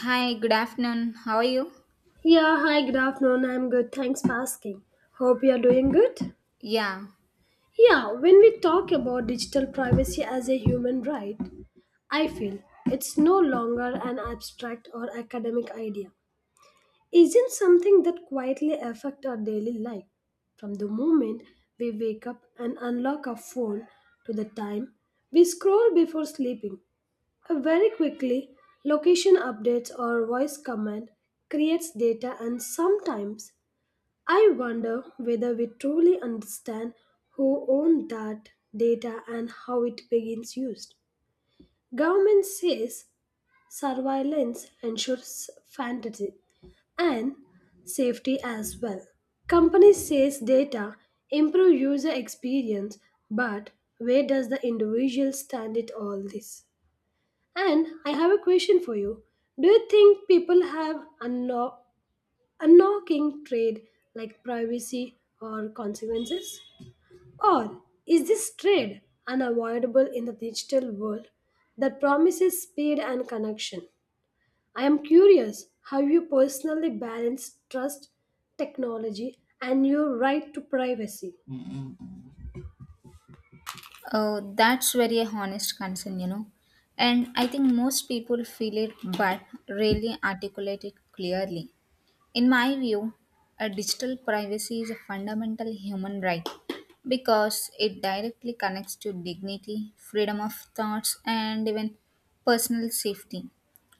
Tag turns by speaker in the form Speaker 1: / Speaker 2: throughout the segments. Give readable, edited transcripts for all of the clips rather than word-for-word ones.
Speaker 1: Hi, good afternoon. How are you?
Speaker 2: Yeah, hi, good afternoon. I'm good. Thanks for asking. Hope you are doing good.
Speaker 1: Yeah,
Speaker 2: Yeah, when we talk about digital privacy as a human right, I feel it's no longer an abstract or academic idea. Isn't something that quietly affect our daily life. From the moment we wake up and unlock our phone to the time we scroll before sleeping, very quickly, location updates or voice command creates data and sometimes I wonder whether we truly understand who owned that data and how it begins used. Government says surveillance ensures fantasy and safety as well. Company says data improve user experience, but where does the individual stand it all this? And I have a question for you. Do you think people have unlocking trade like privacy or consequences? Or is this trade unavoidable in the digital world that promises speed and connection? I am curious how you personally balance trust, technology, and your right to privacy.
Speaker 1: oh, that's very a honest concern, you know. And I think most people feel it but rarely articulate it clearly. In my view, a digital privacy is a fundamental human right because it directly connects to dignity, freedom of thoughts, and even personal safety.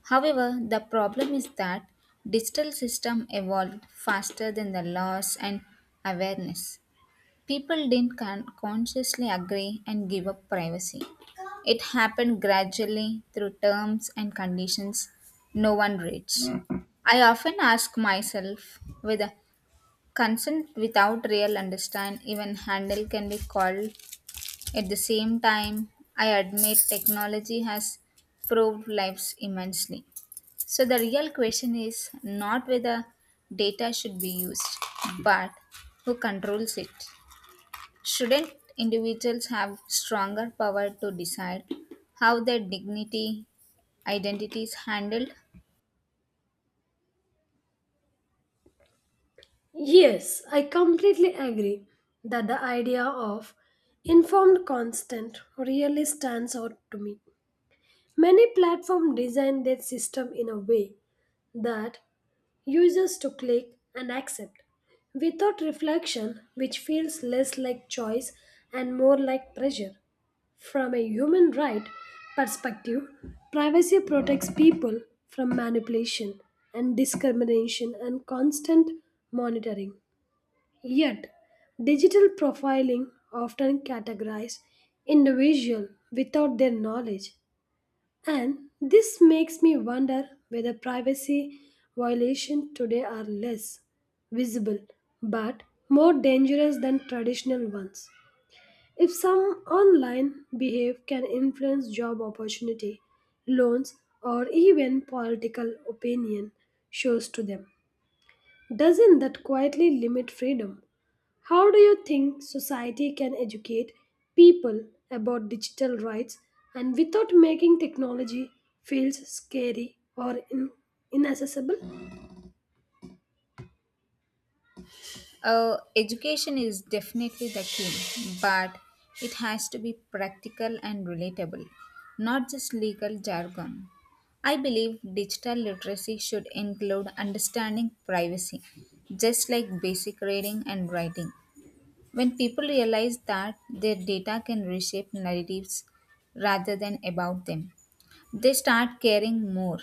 Speaker 1: However, the problem is that digital system evolved faster than the laws and awareness. People didn't consciously agree and give up privacy. It happened gradually through terms and conditions no one reads. I often ask myself whether consent without real understand even handle can be called. At the same time, I admit technology has proved lives immensely. So the real question is not whether data should be used, but who controls it. Shouldn't individuals have stronger power to decide how their dignity, identity is handled?
Speaker 2: Yes, I completely agree that the idea of informed consent really stands out to me. Many platforms design their system in a way that users to click and accept without reflection, which feels less like choice and more like pressure. From a human right perspective, privacy protects people from manipulation and discrimination and constant monitoring. Yet, digital profiling often categorizes individuals without their knowledge and this makes me wonder whether privacy violations today are less visible but more dangerous than traditional ones. If some online behave can influence job opportunity, loans, or even political opinion shows to them, doesn't that quietly limit freedom? How do you think society can educate people about digital rights and without making technology feels scary or inaccessible?
Speaker 1: Education is definitely the key, but it has to be practical and relatable, not just legal jargon. I believe digital literacy should include understanding privacy, just like basic reading and writing. When people realize that their data can reshape narratives rather than about them, they start caring more.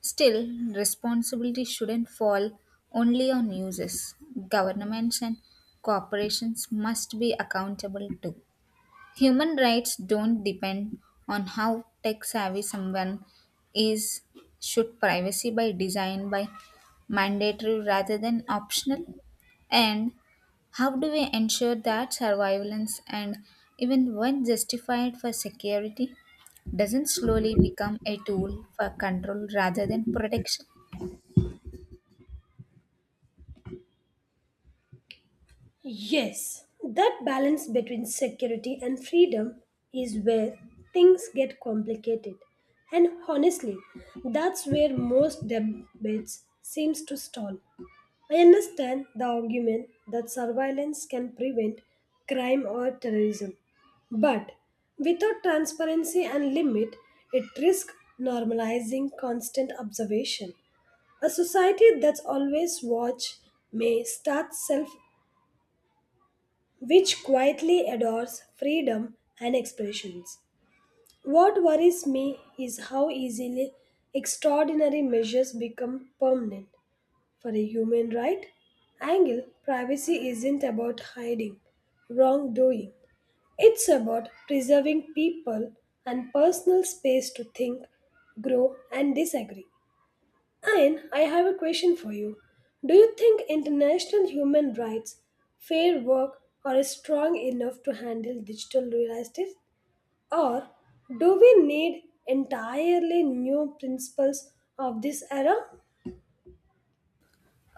Speaker 1: Still, responsibility shouldn't fall only on users. Governments and corporations must be accountable too. Human rights don't depend on how tech savvy someone is. Should privacy by design by mandatory rather than optional? And how do we ensure that surveillance and even when justified for security doesn't slowly become a tool for control rather than protection?
Speaker 2: Yes, that balance between security and freedom is where things get complicated. And honestly, that's where most debates seems to stall. I understand the argument that surveillance can prevent crime or terrorism, but without transparency and limit, it risks normalizing constant observation. A society that's always watch may start self which quietly adores freedom and expressions. What worries me is how easily extraordinary measures become permanent for a human right angle, privacy isn't about hiding wrongdoing. It's about preserving people and personal space to think, grow, and disagree. And I have a question for you. Do you think international human rights, fair work, are strong enough to handle digital realities? Or do we need entirely new principles of this era?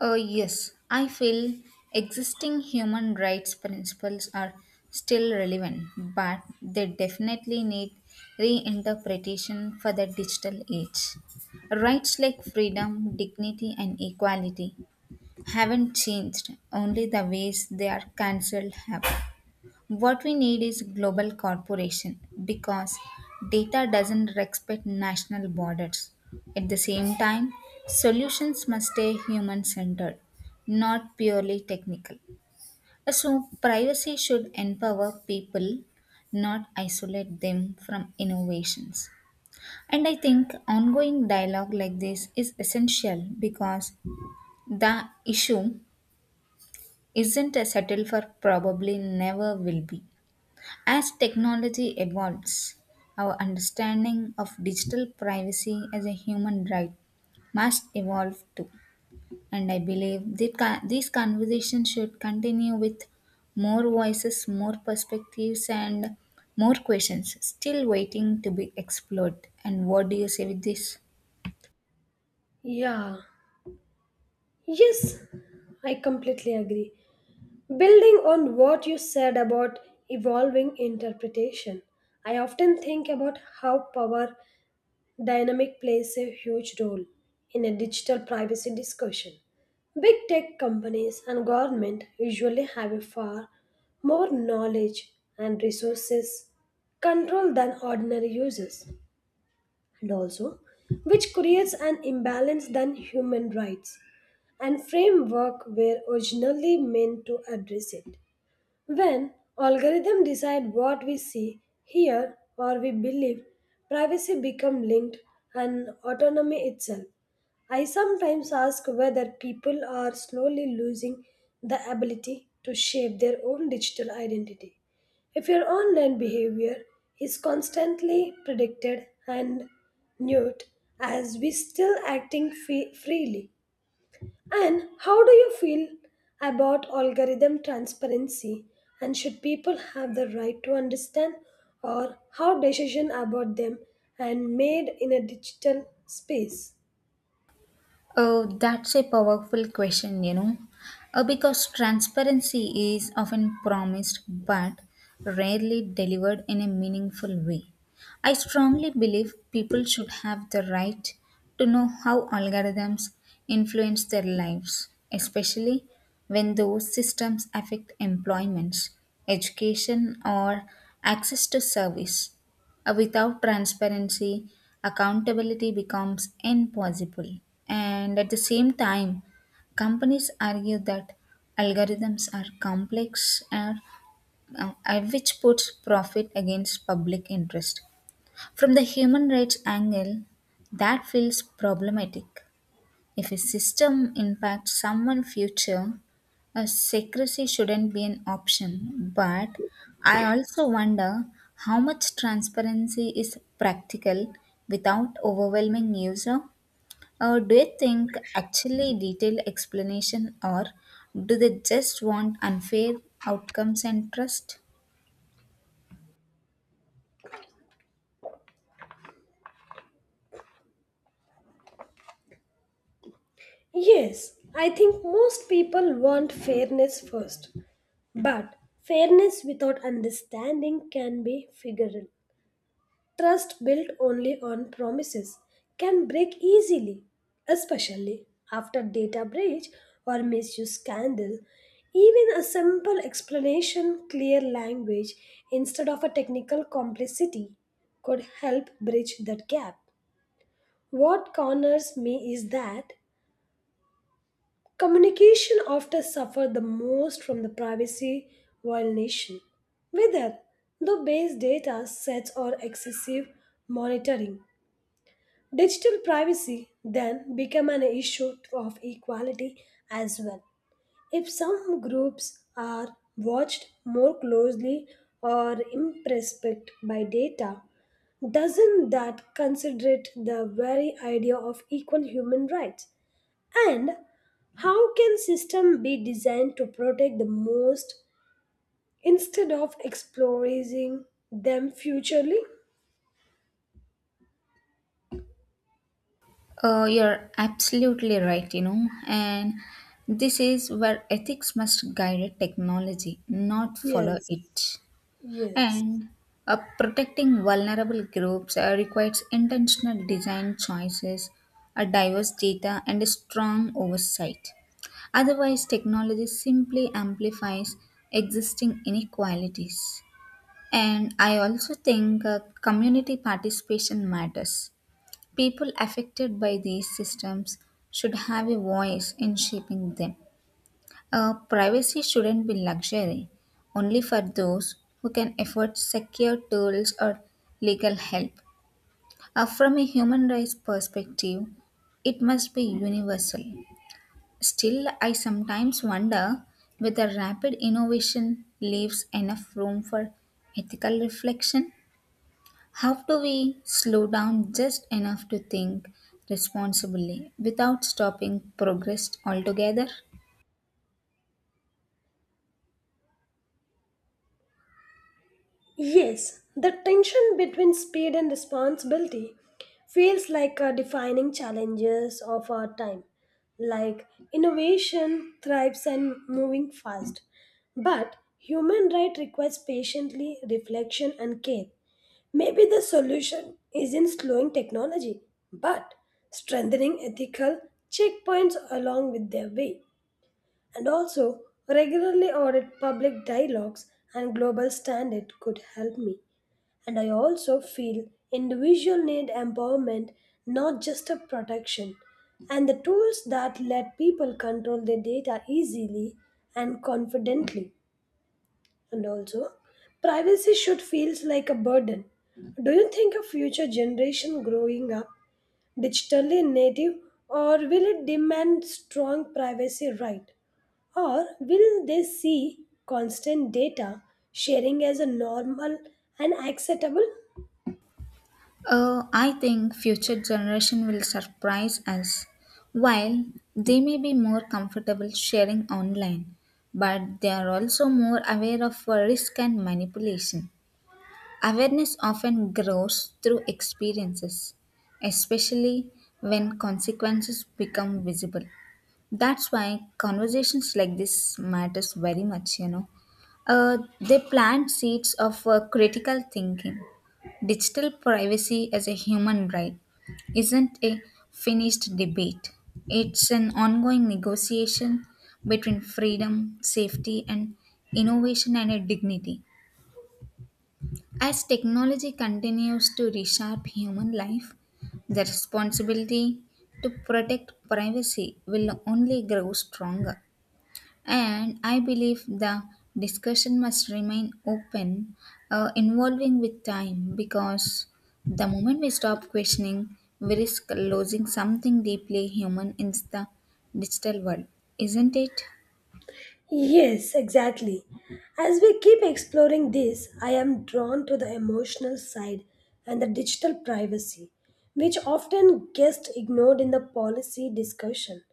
Speaker 1: Yes, I feel existing human rights principles are still relevant, but they definitely need reinterpretation for the digital age. Rights like freedom, dignity, and equality haven't changed, only the ways they are cancelled have. What we need is global corporation because data doesn't respect national borders. At the same time, solutions must stay human centered, not purely technical. So, privacy should empower people, not isolate them from innovations. And I think ongoing dialogue like this is essential because the issue isn't a settle for probably never will be. As technology evolves, our understanding of digital privacy as a human right must evolve too. And I believe that these conversations should continue with more voices, more perspectives, and more questions still waiting to be explored. And what do you say with this?
Speaker 2: Yeah. Yes, I completely agree. Building on what you said about evolving interpretation, I often think about how power dynamic plays a huge role in a digital privacy discussion. Big tech companies and government usually have a far more knowledge and resources control than ordinary users, and also which creates an imbalance than human rights and framework were originally meant to address it. When algorithms decide what we see, hear, or we believe, privacy becomes linked and autonomy itself. I sometimes ask whether people are slowly losing the ability to shape their own digital identity. If your online behavior is constantly predicted and nude, as we still acting freely, and how do you feel about algorithm transparency? And should people have the right to understand or how decision about them and made in a digital space?
Speaker 1: Oh, that's a powerful question, you know, because transparency is often promised but rarely delivered in a meaningful way. I strongly believe people should have the right to know how algorithms influence their lives, especially when those systems affect employments, education, or access to service. Without transparency, accountability becomes impossible. And at the same time, companies argue that algorithms are complex and which puts profit against public interest. From the human rights angle, that feels problematic if a system impacts someone's future, a secrecy shouldn't be an option. But I also wonder how much transparency is practical without overwhelming user. Or do you think actually detailed explanation, or do they just want unfair outcomes and trust?
Speaker 2: Yes, I think most people want fairness first. But fairness without understanding can be figural. Trust built only on promises can break easily, especially after data breach or misuse scandal. Even a simple explanation, clear language instead of a technical complexity could help bridge that gap. What corners me is that communication often suffer the most from the privacy violation, whether the base data sets or excessive monitoring. Digital privacy then became an issue of equality as well. If some groups are watched more closely or impressed by data, doesn't that considerate the very idea of equal human rights? And how can system be designed to protect the most instead of exploiting them futurely?
Speaker 1: You're absolutely right, you know, and this is where ethics must guide a technology, not follow
Speaker 2: Yes.
Speaker 1: it.
Speaker 2: Yes.
Speaker 1: And protecting vulnerable groups requires intentional design choices, a diverse data, and a strong oversight. Otherwise, technology simply amplifies existing inequalities. And I also think community participation matters. People affected by these systems should have a voice in shaping them. Privacy shouldn't be luxury, only for those who can afford secure tools or legal help. From a human rights perspective, it must be universal. Still, I sometimes wonder whether rapid innovation leaves enough room for ethical reflection. How do we slow down just enough to think responsibly without stopping progress altogether?
Speaker 2: Yes, the tension between speed and responsibility feels like a defining challenges of our time. Like innovation thrives and moving fast, but human right requires patiently reflection and care. Maybe the solution isn't slowing technology, but strengthening ethical checkpoints along with their way, and also regularly audit public dialogues and global standard could help me. And I also feel individual need empowerment, not just a protection. And the tools that let people control their data easily and confidently. And also, privacy should feel like a burden. Do you think a future generation growing up digitally native or will it demand strong privacy right? Or will they see constant data sharing as a normal and acceptable?
Speaker 1: I think future generation will surprise us. While they may be more comfortable sharing online, but they are also more aware of risk and manipulation. Awareness often grows through experiences, especially when consequences become visible. That's why conversations like this matters very much, you know. They plant seeds of critical thinking. Digital privacy as a human right isn't a finished debate. It's an ongoing negotiation between freedom, safety, and innovation and a dignity. As technology continues to reshape human life, the responsibility to protect privacy will only grow stronger. And I believe the discussion must remain open, involving with time, because the moment we stop questioning, we risk losing something deeply human in the digital world, isn't it?
Speaker 2: Yes, exactly. As we keep exploring this, I am drawn to the emotional side and the digital privacy, which often gets ignored in the policy discussion.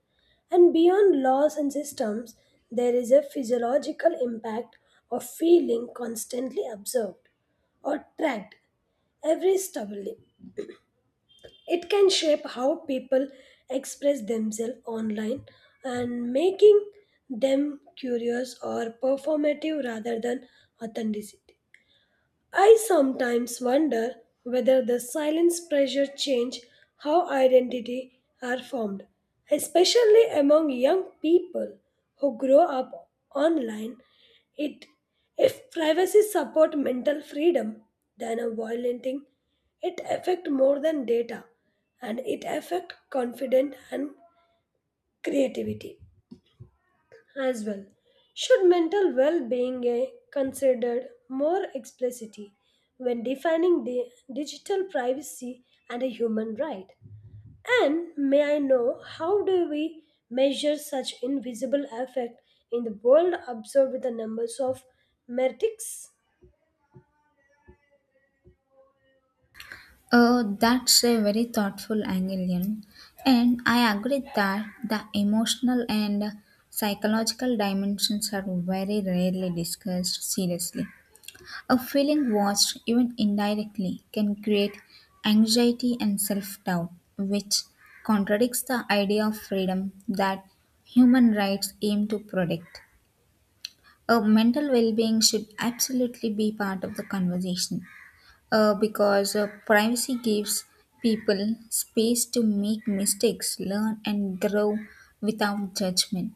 Speaker 2: And beyond laws and systems, there is a physiological impact of feeling constantly observed or tracked every step it can shape how people express themselves online and making them curious or performative rather than authenticity. I sometimes wonder whether the silence pressure change how identity are formed, especially among young people who grow up online. It if privacy support mental freedom than a violating, it affect more than data and it affect confidence and creativity as well. Should mental well being considered more explicitly when defining the digital privacy and a human right? And may I know how do we measure such invisible effect in the world observed with the numbers of metrics?
Speaker 1: That's a very thoughtful angle, Yan. And I agree that the emotional and psychological dimensions are very rarely discussed seriously. A feeling watched, even indirectly, can create anxiety and self doubt, which contradicts the idea of freedom that human rights aim to protect. Mental well being should absolutely be part of the conversation because privacy gives people space to make mistakes, learn, and grow without judgment.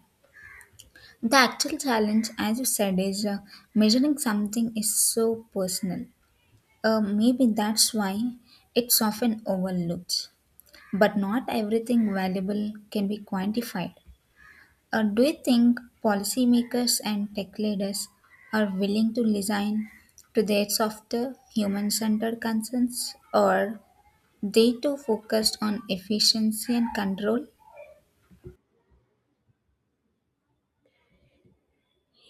Speaker 1: The actual challenge, as you said, is measuring something is so personal. Maybe that's why it's often overlooked. But not everything valuable can be quantified. Do you think policymakers and tech leaders are willing to listen to their softer, human-centered concerns, or they too focused on efficiency and control?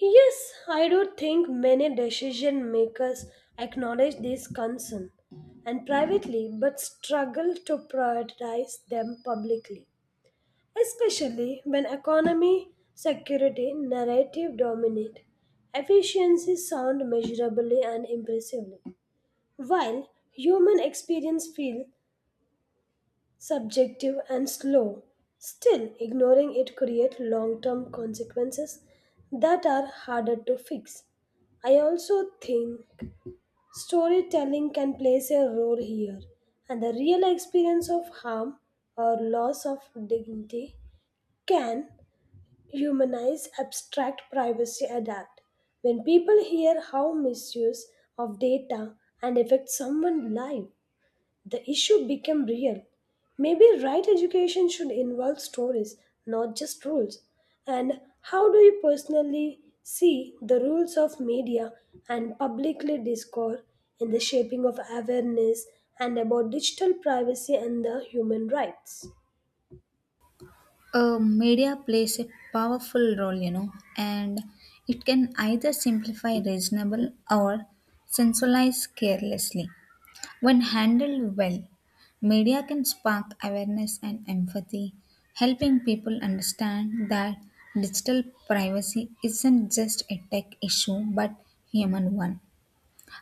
Speaker 2: Yes, I do think many decision makers acknowledge this concern and privately but struggle to prioritize them publicly. Especially when economy, security, narrative dominate. Efficiencies sound measurably and impressively, while human experience feels subjective and slow. Still, ignoring it creates long-term consequences that are harder to fix. I also think storytelling can play a role here, and the real experience of harm or loss of dignity can humanize abstract privacy adapt when people hear how misuse of data and affect someone's life the issue become real maybe right education should involve stories not just rules and how do you personally see the rules of media and publicly discourse in the shaping of awareness and about digital privacy and the human rights
Speaker 1: Media plays a powerful role, you know, and it can either simplify reasonable or sensationalize carelessly. When handled well, media can spark awareness and empathy, helping people understand that digital privacy isn't just a tech issue but human one.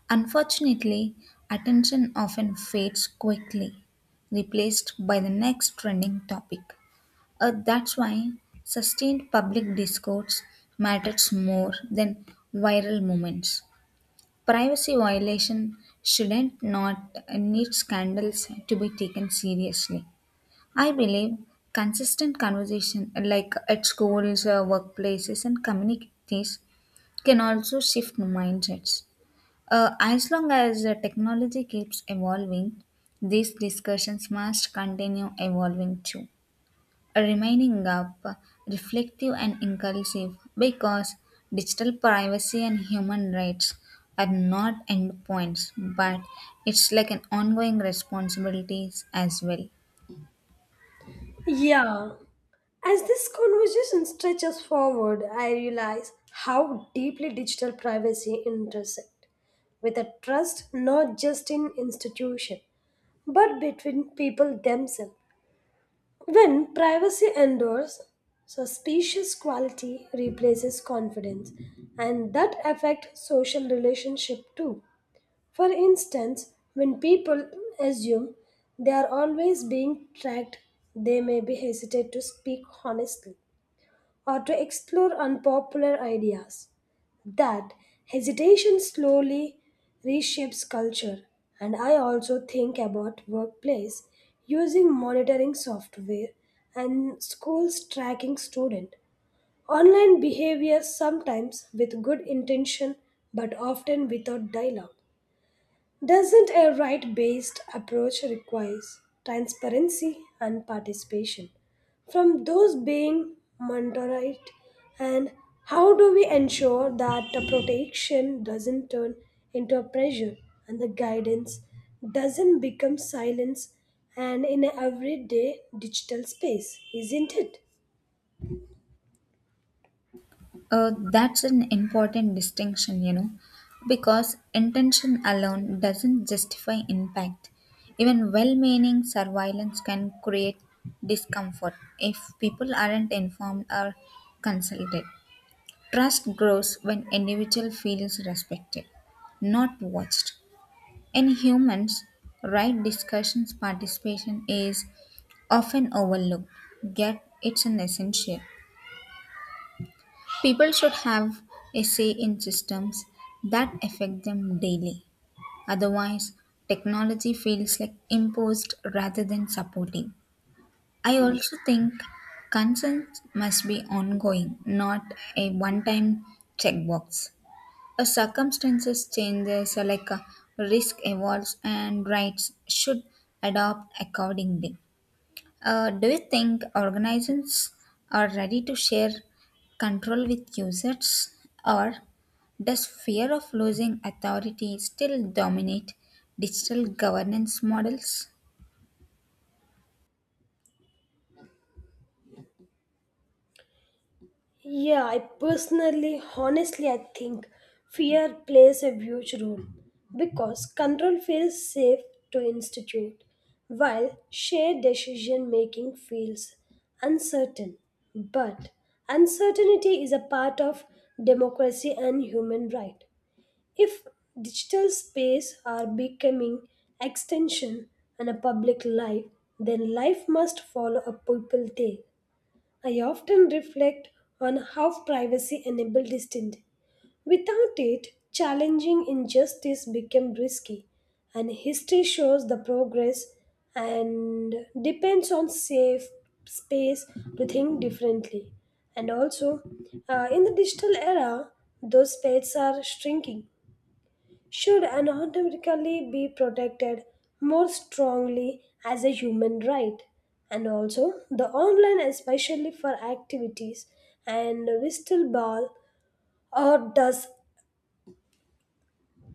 Speaker 1: Unfortunately, attention often fades quickly, replaced by the next trending topic. That's why sustained public discourse matters more than viral moments. Privacy violation shouldn't not need scandals to be taken seriously. I believe consistent conversation like at schools, workplaces and communities can also shift mindsets. As long as technology keeps evolving, these discussions must continue evolving too remaining up, reflective, and inclusive because digital privacy and human rights are not endpoints, but it's like an ongoing responsibilities as well.
Speaker 2: yeah. As this conversation stretches forward, I realize how deeply digital privacy intersects with a trust not just in institution but between people themselves. When privacy endures, suspicious quality replaces confidence, and that affects social relationship too. For instance, when people assume they are always being tracked, they may be hesitate to speak honestly or to explore unpopular ideas. That hesitation slowly reshapes culture. And I also think about workplace using monitoring software and schools tracking student. Online behavior sometimes with good intention but often without dialogue. Doesn't a right based approach requires transparency and participation from those being monitored? And how do we ensure that the protection doesn't turn into a pressure and the guidance doesn't become silence and in an everyday digital space, isn't it?
Speaker 1: That's an important distinction, you know, because intention alone doesn't justify impact. Even well meaning surveillance can create discomfort if people aren't informed or consulted. Trust grows when individual feels respected, not watched. In humans, right discussions participation is often overlooked, yet it's an essential. People should have a say in systems that affect them daily. Otherwise, technology feels like imposed rather than supportive. I also think consent must be ongoing, not a one time checkbox. Circumstances changes like risk evolves and rights should adopt accordingly. Do you think organizations are ready to share control with users or does fear of losing authority still dominate digital governance models?
Speaker 2: Yeah, I personally, honestly, I think fear plays a huge role because control feels safe to institute, while shared decision making feels uncertain. But uncertainty is a part of democracy and human right. If digital space are becoming extension and a public life, then life must follow a people there I often reflect on how privacy enabled instinct. Without it, challenging injustice became risky, and history shows the progress and depends on safe space to think differently. And also, in the digital era, those spaces are shrinking should automatically be protected more strongly as a human right and also the online especially for activities and whistleball or does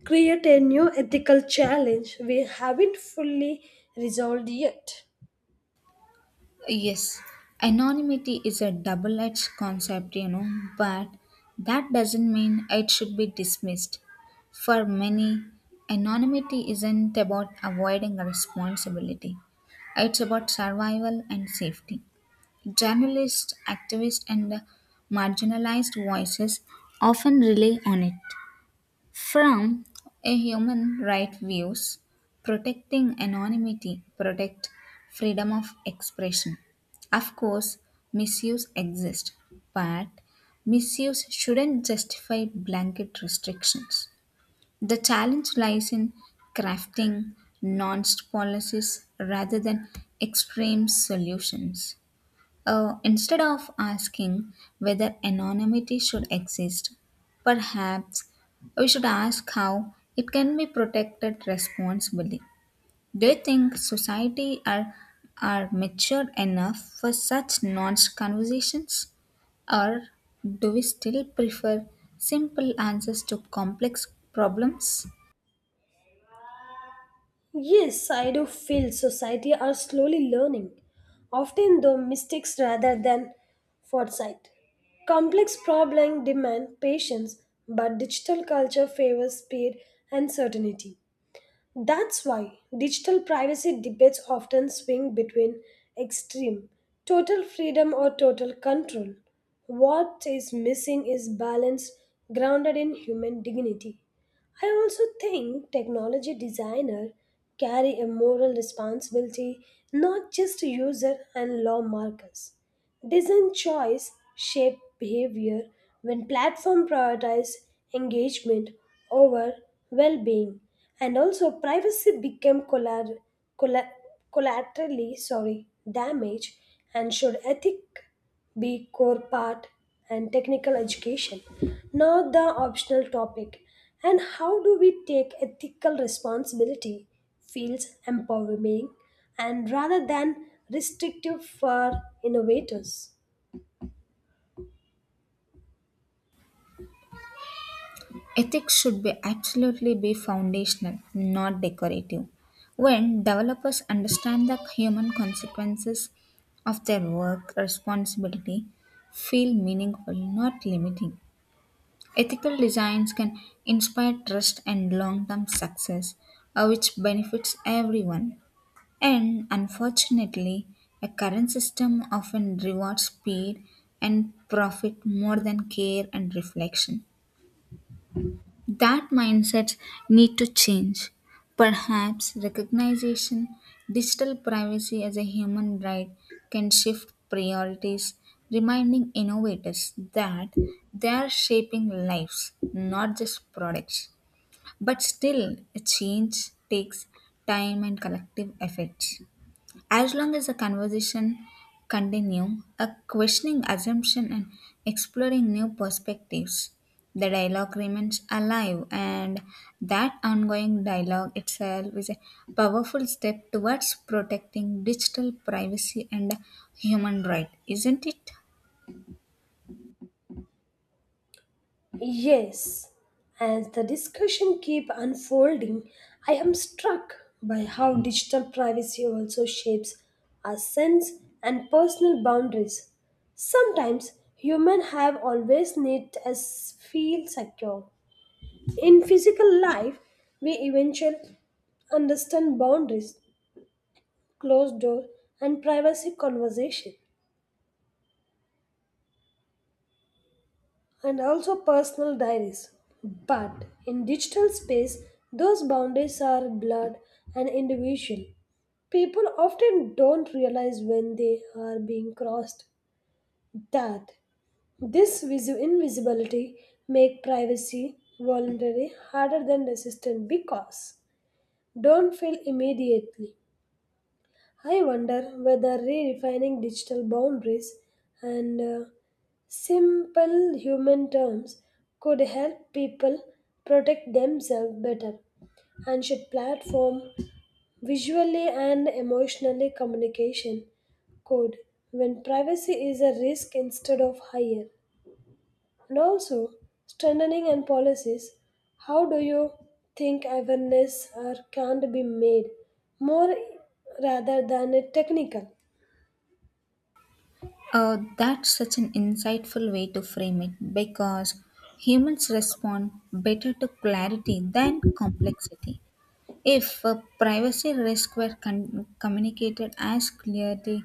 Speaker 2: create a new ethical challenge we haven't fully resolved yet.
Speaker 1: Yes, anonymity is a double edged concept, you know, but that doesn't mean it should be dismissed. For many, anonymity isn't about avoiding responsibility, it's about survival and safety. Journalists, activists, and marginalized voices often rely on it. From a human right views, protecting anonymity protect freedom of expression. Of course, misuse exists, but misuse shouldn't justify blanket restrictions. The challenge lies in crafting nuanced policies rather than extreme solutions. Instead of asking whether anonymity should exist, perhaps we should ask how it can be protected responsibly. Do you think society are matured enough for such nuanced conversations? Or do we still prefer simple answers to complex problems?
Speaker 2: Yes, I do feel society are slowly learning, often though mistakes rather than foresight. Complex problems demand patience, but digital culture favors speed and certainty. That's why digital privacy debates often swing between extreme total freedom or total control. What is missing is balance grounded in human dignity. I also think technology designers carry a moral responsibility, not just user and lawmakers. Design choice shape behavior when platform prioritize engagement over well-being and also privacy became colla- collaterally sorry damage and should ethic be core part and technical education not the optional topic and how do we take ethical responsibility feels empowering and rather than restrictive for innovators.
Speaker 1: Ethics should be absolutely be foundational, not decorative. When developers understand the human consequences of their work, responsibility feel meaningful, not limiting. Ethical designs can inspire trust and long-term success, which benefits everyone. And unfortunately, a current system often rewards speed and profit more than care and reflection. That mindsets need to change. Perhaps recognition, digital privacy as a human right can shift priorities, reminding innovators that they are shaping lives, not just products. But still, a change takes time and collective efforts. As long as the conversation continue, a questioning assumption and exploring new perspectives, the dialogue remains alive and that ongoing dialogue itself is a powerful step towards protecting digital privacy and human right, isn't it?
Speaker 2: Yes, as the discussion keep unfolding, I am struck by how digital privacy also shapes our sense and personal boundaries. Sometimes humans have always need us feel secure. In physical life, we eventually understand boundaries, closed door, and privacy conversation. And also personal diaries. But in digital space, those boundaries are blurred and individual. People often don't realize when they are being crossed that this invisibility make privacy voluntary harder than resistant because don't feel immediately I wonder whether redefining digital boundaries and simple human terms could help people protect themselves better. And should platform visually and emotionally communication code when privacy is a risk instead of higher. And also strengthening and policies. How do you think awareness are can't be made more rather than a technical?
Speaker 1: That's such an insightful way to frame it because humans respond better to clarity than complexity. If a privacy risk were communicated as clearly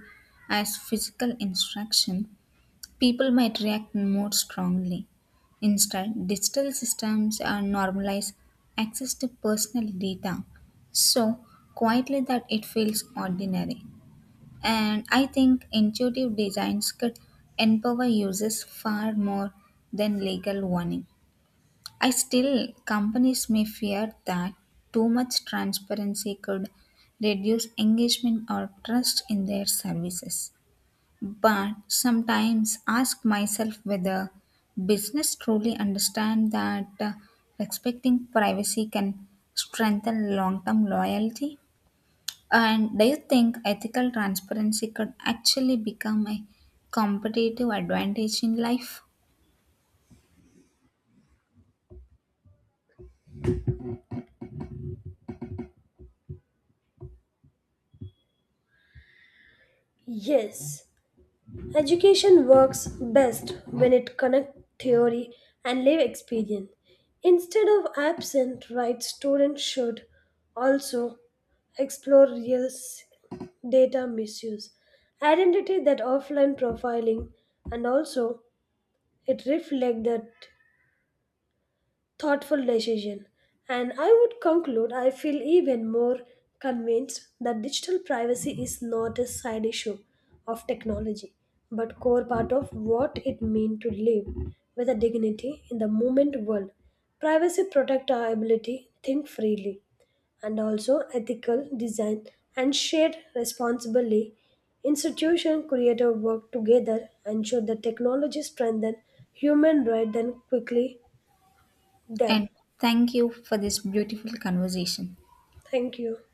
Speaker 1: as physical instruction, people might react more strongly. Instead, digital systems are normalize access to personal data so quietly that it feels ordinary. And I think intuitive designs could empower users far more than legal warning. I still, companies may fear that too much transparency could reduce engagement or trust in their services. But sometimes ask myself whether business truly understand that respecting privacy can strengthen long-term loyalty. And do you think ethical transparency could actually become a competitive advantage in life?
Speaker 2: Yes, education works best when it connects theory and live experience. Instead of absent, right students should also explore data misuse, identity that offline profiling, and also it reflects that thoughtful decision. And I would conclude I feel even more convinced that digital privacy is not a side issue of technology, but core part of what it means to live with a dignity in the moment world. Privacy protect our ability think freely and also ethical design and shared responsibly institution creative work together ensure that technology strengthen human rights and quickly them.
Speaker 1: And thank you for this beautiful conversation.
Speaker 2: Thank you.